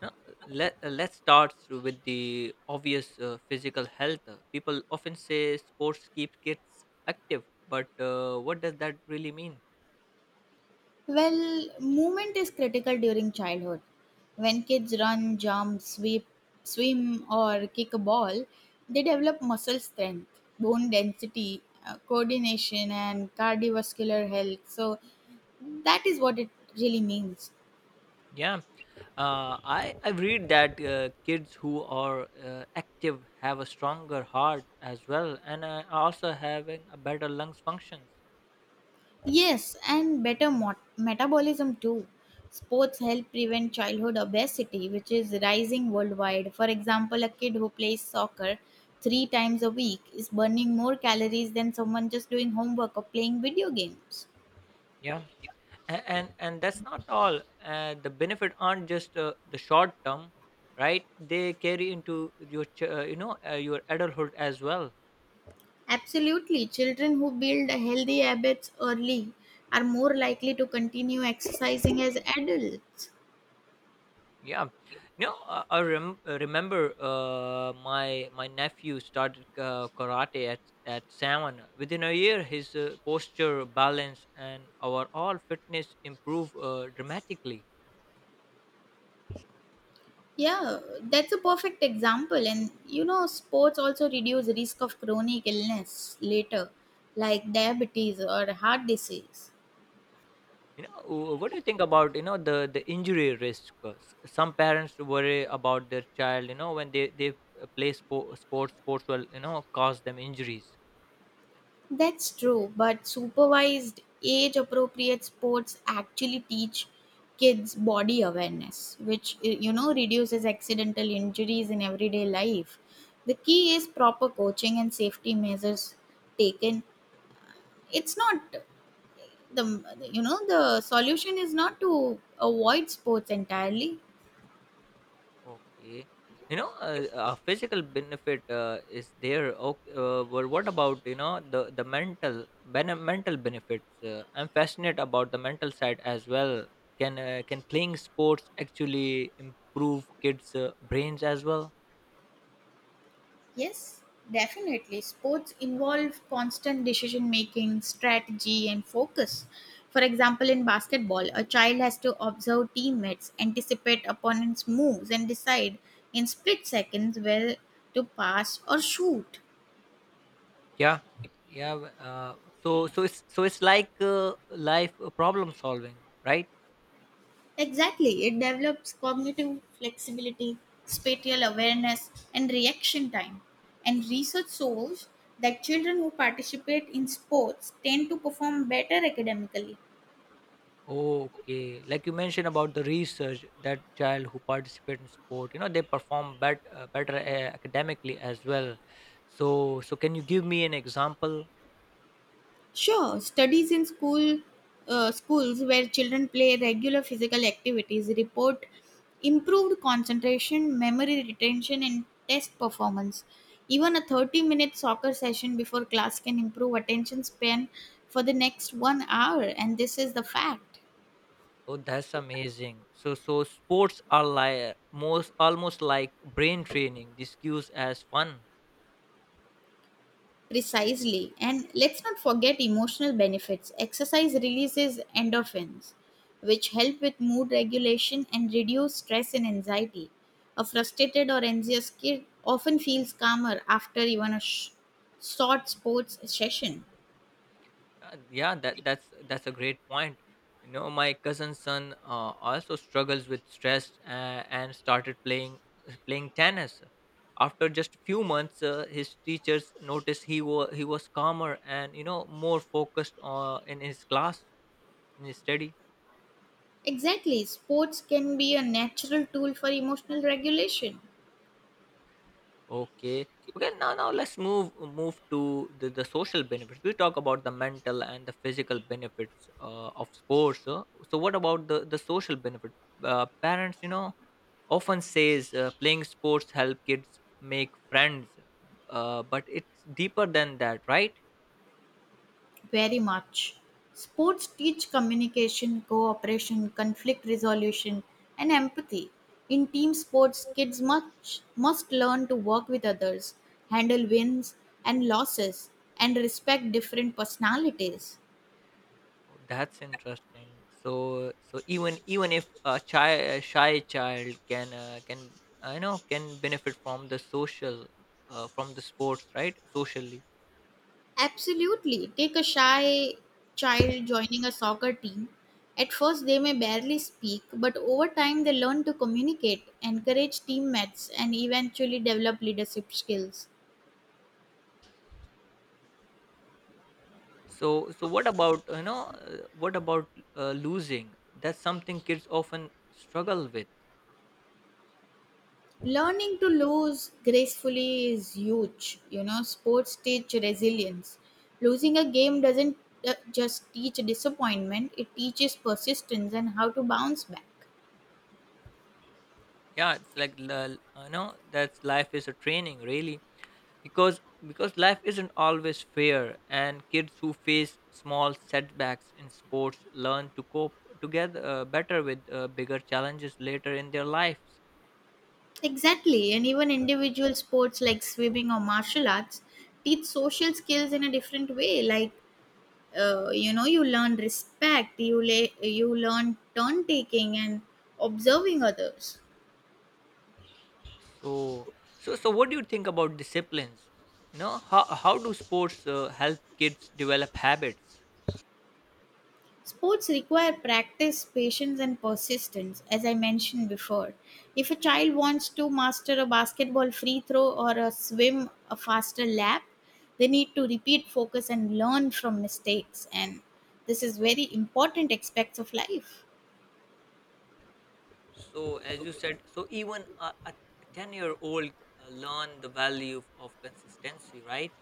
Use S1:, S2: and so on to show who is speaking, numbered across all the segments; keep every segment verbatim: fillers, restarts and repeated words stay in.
S1: Now, let uh, let's start through with the obvious uh, physical health. Uh, People often say sports keep kids active, but uh, what does that really mean?
S2: Well, movement is critical during childhood. When kids run, jump, sweep, swim, or kick a ball, they develop muscle strength, bone density, uh, coordination, and cardiovascular health. So, that is what it really means.
S1: Yeah, uh, I I read that uh, kids who are uh, active have a stronger heart as well, and uh, are also having a better lungs functions.
S2: Yes, and better mot- metabolism too. Sports help prevent childhood obesity, which is rising worldwide. For example, a kid who plays soccer three times a week is burning more calories than someone just doing homework or playing video games.
S1: Yeah, and and, and that's not all. Uh, the benefit aren't just uh, the short term, right? They carry into your ch- uh, you know uh, your adulthood as well.
S2: Absolutely, children who build healthy habits early are more likely to continue exercising as adults.
S1: Yeah, no, I, I rem- I remember uh, my my nephew started uh, karate at at seven. Within a year, his uh, posture, balance, and our all fitness improved uh, dramatically.
S2: Yeah, that's a perfect example. And you know, sports also reduce risk of chronic illness later, like diabetes or heart disease.
S1: You know, wh- what do you think about you know the the injury risk? Uh, s- Some parents worry about their child. You know, when they they uh, play spo- sports, sports will you know cause them injuries.
S2: That's true, but supervised age appropriate sports actually teach kids body awareness, which y- you know reduces accidental injuries in everyday life. The key is proper coaching and safety measures taken. It's not. The you know the solution is not to avoid sports entirely.
S1: Okay. You know, uh, uh, physical benefit uh, is there. Okay, uh, but what about you know the the mental bene- mental benefits? Uh, I'm fascinated about the mental side as well. Can uh, can playing sports actually improve kids' uh, brains as well?
S2: Yes, definitely. Sports involve constant decision making, strategy, and focus. For example, in basketball, a child has to observe teammates, anticipate opponents' moves, and decide in split seconds where to pass or shoot.
S1: Yeah, yeah. w- Uh, so so it's so it's like uh, life uh, problem solving, right?
S2: Exactly, it develops cognitive flexibility, spatial awareness, and reaction time. And research shows that children who participate in sports tend to perform better academically.
S1: Okay, like you mentioned about the research, that child who participate in sport, you know, they perform bet, uh, better uh, academically as well. So, so can you give me an example?
S2: Sure, studies in school uh, schools where children play regular physical activities report improved concentration, memory retention, and test performance. Even a thirty minute soccer session before class can improve attention span for the next one hour, and this is the fact.
S1: Oh, that's amazing. So, so sports are like most almost like brain training. This gives as fun.
S2: Precisely. And let's not forget emotional benefits. Exercise releases endorphins, which help with mood regulation and reduce stress and anxiety. A frustrated or anxious kid often feels calmer after even a sh- short sports session.
S1: Uh, yeah that that's that's a great point. You know, my cousin's son uh, also struggles with stress uh, and started playing uh, playing tennis after just a few months. Uh, his teachers noticed he was he was calmer and you know more focused uh, in his class, in his study.
S2: Exactly. Sports can be a natural tool for emotional regulation.
S1: Okay, okay, now, now let's move move to the, the social benefits. We talk about the mental and the physical benefits uh, of sports, uh, so what about the the social benefit? Uh, parents, you know, often says uh, playing sports help kids make friends, uh, but it's deeper than that, right?
S2: Very much. Sports teach communication, cooperation, conflict resolution, and empathy. In team sports, kids much, must learn to work with others, handle wins and losses, and respect different personalities.
S1: Oh, that's interesting. So, so even even if a child, a shy child, can uh, can I know can benefit from the social, uh, from the sports, right? Socially.
S2: Absolutely. Take a shy child joining a soccer team. At first, they may barely speak, but over time, they learn to communicate, encourage teammates, and eventually develop leadership skills.
S1: So so what about, you know, uh, what about uh, losing? That's something kids often struggle with.
S2: Learning to lose gracefully is huge. You know, sports teach resilience. Losing a game doesn't uh, just teach disappointment, it teaches persistence and how to bounce back.
S1: Yeah, it's like, l- l- you know that's, life is a training, really, because, because life isn't always fair, and kids who face small setbacks in sports learn to cope together uh, better with uh, bigger challenges later in their lives.
S2: Exactly, and even individual sports like swimming or martial arts teach social skills in a different way. Like, uh, you know, you learn respect, you, la- you learn turn taking and observing others.
S1: So, so so what do you think about disciplines? You know, how, how do sports uh, help kids develop habits?
S2: Sports require practice, patience, and persistence, as I mentioned before. If a child wants to master a basketball free throw or a swim a faster lap, they need to repeat, focus, and learn from mistakes. And this is very important aspects of life.
S1: So, as you said, so even a, a ten year old uh, learn the value of consistency, right?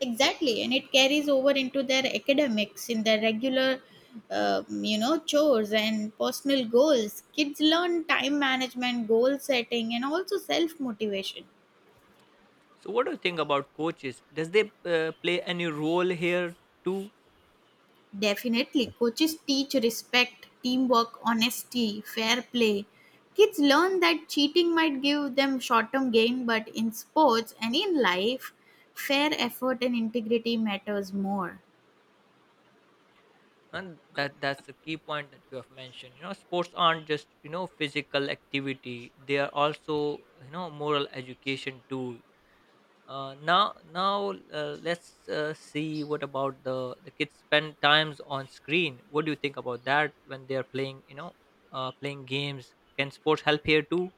S2: Exactly, and it carries over into their academics, in their regular, uh, you know, chores and personal goals. Kids learn time management, goal setting, and also self motivation.
S1: So what do you think about coaches? Does they uh, play any role here too?
S2: Definitely, coaches teach respect, teamwork, honesty, fair play. Kids learn that cheating might give them short term gain, but in sports and in life, fair effort and integrity matters more.
S1: And that that's the key point that you have mentioned. You know, sports aren't just, you know, physical activity, they are also, you know, moral education too. Uh, now now uh, let's uh, see, what about the the kids spend times on screen? What do you think about that when they are playing, you know, uh, playing games? Can sports help here too?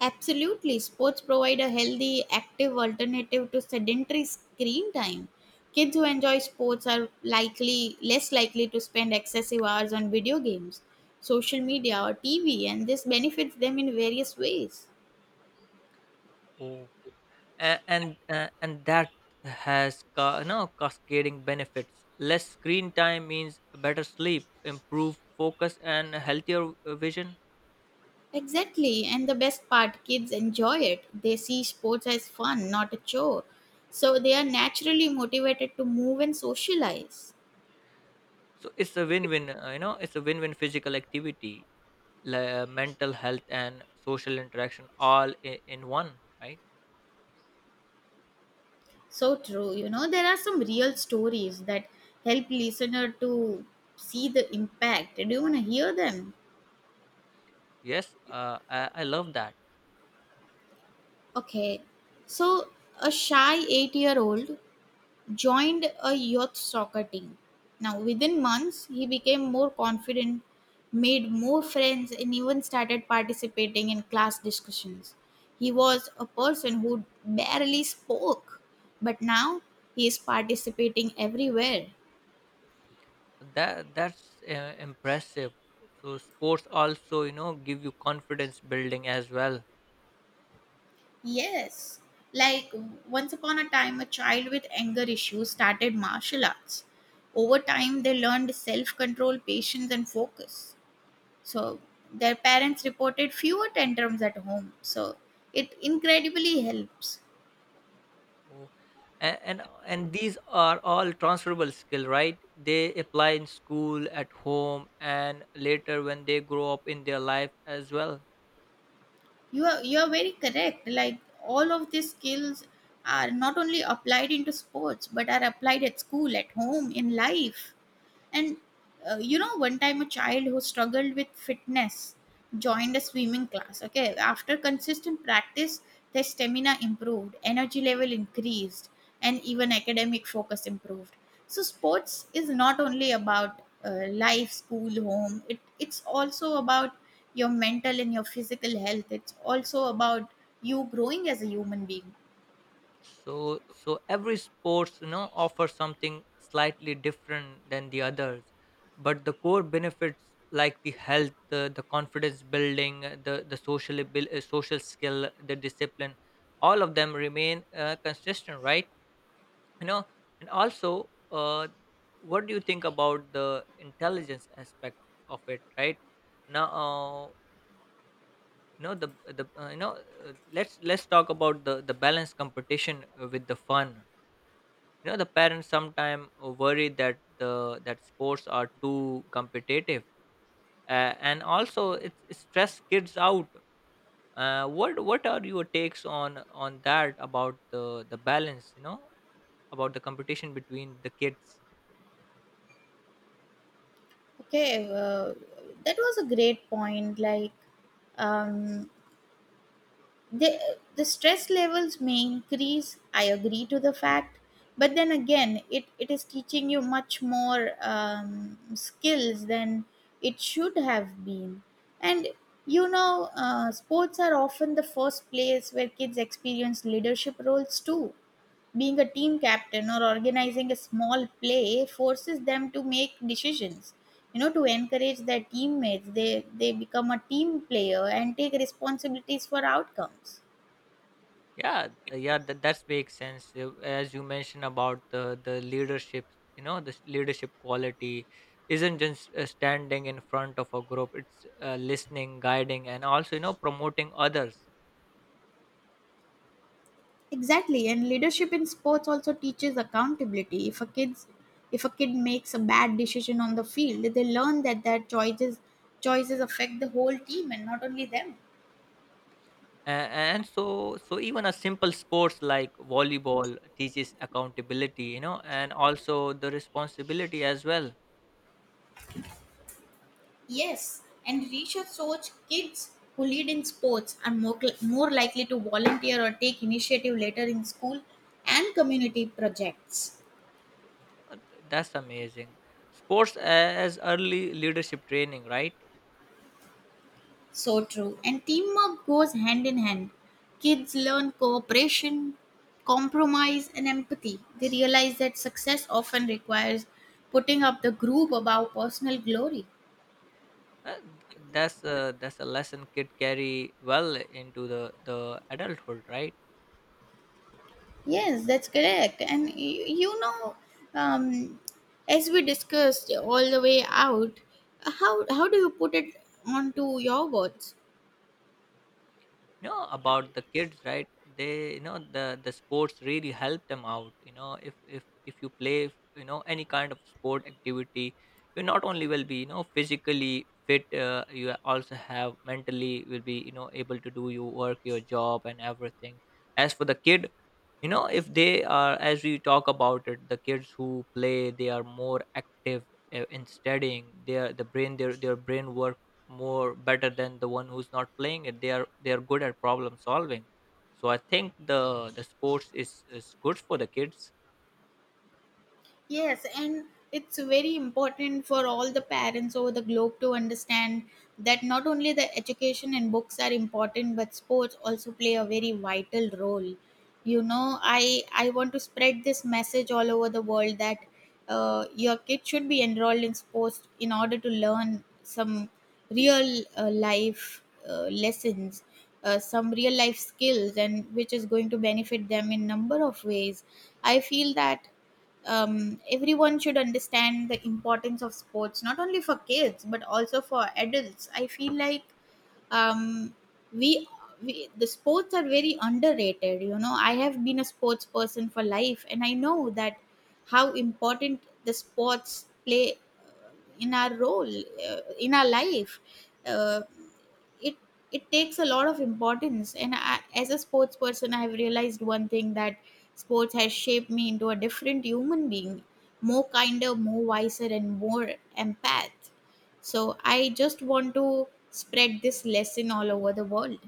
S2: Absolutely, sports provide a healthy, active alternative to sedentary screen time. Kids who enjoy sports are likely less likely to spend excessive hours on video games, social media, or T V, and this benefits them in various ways.
S1: A- and uh, and that has ca- no cascading benefits. Less screen time means better sleep, improved focus, and a healthier uh, vision.
S2: Exactly, and the best part, kids enjoy it. They see sports as fun, not a chore. So they are naturally motivated to move and socialize.
S1: So it's a win-win, uh, you know, it's a win-win, physical activity, la- uh, mental health, and social interaction, all in, in one, right?
S2: So true, you know, there are some real stories that help listener to see the impact. Do you want to hear them?
S1: Yes, uh, I, I love that.
S2: Okay. So a shy eight-year-old joined a youth soccer team. Now, within months, he became more confident, made more friends, and even started participating in class discussions. He was a person who barely spoke, but now he is participating everywhere.
S1: That, that's uh, impressive. So sports also, you know, give you confidence building as well.
S2: Yes, like once upon a time, a child with anger issues started martial arts. Over time, they learned self control, patience, and focus. So their parents reported fewer tantrums at home. So it incredibly helps.
S1: Oh, and and, and these are all transferable skill, right? They apply in school, at home, and later when they grow up in their life as well.
S2: You are you are very correct. Like all of these skills are not only applied into sports but are applied at school, at home, in life. And uh, you know, one time a child who struggled with fitness joined a swimming class. Okay, after consistent practice, their stamina improved, energy level increased, and even academic focus improved. So, sports is not only about uh, life, school, home, it, it's also about your mental and your physical health. It's also about you growing as a human being.
S1: So, so every sports, you know, offers something slightly different than the others, but the core benefits, like the health, the, the confidence building, uh, the the social abil- uh, social skill, the discipline, all of them remain uh, consistent, right? You know, and also, uh, what do you think about the intelligence aspect of it, right? Now uh, you know the the uh, you know uh, let's let's talk about the the balanced competition uh, with the fun. You know, the parents sometimes worry that the that sports are too competitive, uh, and also it it stress kids out. Uh, what what are your takes on on that about the the balance, you know, about the competition between the kids?
S2: Okay, uh, that was a great point. Like, um, the, the stress levels may increase, I agree to the fact, but then again, it, it is teaching you much more um, skills than it should have been. And you know, uh, sports are often the first place where kids experience leadership roles too. Being a team captain or organizing a small play forces them to make decisions, you know, to encourage their teammates. They they become a team player and take responsibilities for outcomes.
S1: Yeah, uh, yeah that, that makes sense. Uh, as you mentioned about the the leadership, you know, this leadership quality isn't just uh, standing in front of a group, it's uh, listening, guiding, and also, you know, promoting others.
S2: Exactly, and leadership in sports also teaches accountability. If a kids, if a kid makes a bad decision on the field, they learn that their choices choices affect the whole team and not only them.
S1: And, and so so even a simple sports like volleyball teaches accountability, you know, and also the responsibility as well.
S2: Yes, and research shows kids who lead in sports are more cl- more likely to volunteer or take initiative later in school and community projects.
S1: Uh, th- that's amazing. Sports uh, as early leadership training, right?
S2: So true. And teamwork goes hand in hand. Kids learn cooperation, compromise, and empathy. They realize that success often requires putting up the group above personal glory.
S1: Uh, th- that's a, that's a lesson kid carry well into the the adulthood, right?
S2: Yes, that's correct. And y- you know, um, as we discussed all the way out, how, how do you put it onto your words?
S1: You know, about the kids, right? They, you know, the the sports really help them out. You know, if, if if you play, you know, any kind of sport activity, you not only will be, you know, physically fit, uh, you also have mentally will be, you know, able to do your work, your job, and everything. As for the kid, you know, if they are, as we talk about it, the kids who play, they are more active uh, in studying, their the brain, their their brain work more better than the one who's not playing it. They are, they are good at problem solving. So I think the the sports is is good for the kids.
S2: Yes, and it's very important for all the parents over the globe to understand that not only the education and books are important, but sports also play a very vital role. You know, I I want to spread this message all over the world that uh, your kid should be enrolled in sports in order to learn some real uh, life uh, lessons, uh, some real life skills, and which is going to benefit them in number of ways. I feel that um, everyone should understand the importance of sports not only for kids but also for adults. I feel like um, we, we the sports are very underrated. You know, I have been a sports person for life and I know that how important the sports play uh, in our role uh, in our life. uh, it it takes a lot of importance, and I, as a sports person, I have realized one thing: that sports has shaped me into a different human being, more kinder, more wiser, and more empath. So I just want to spread this lesson all over the world.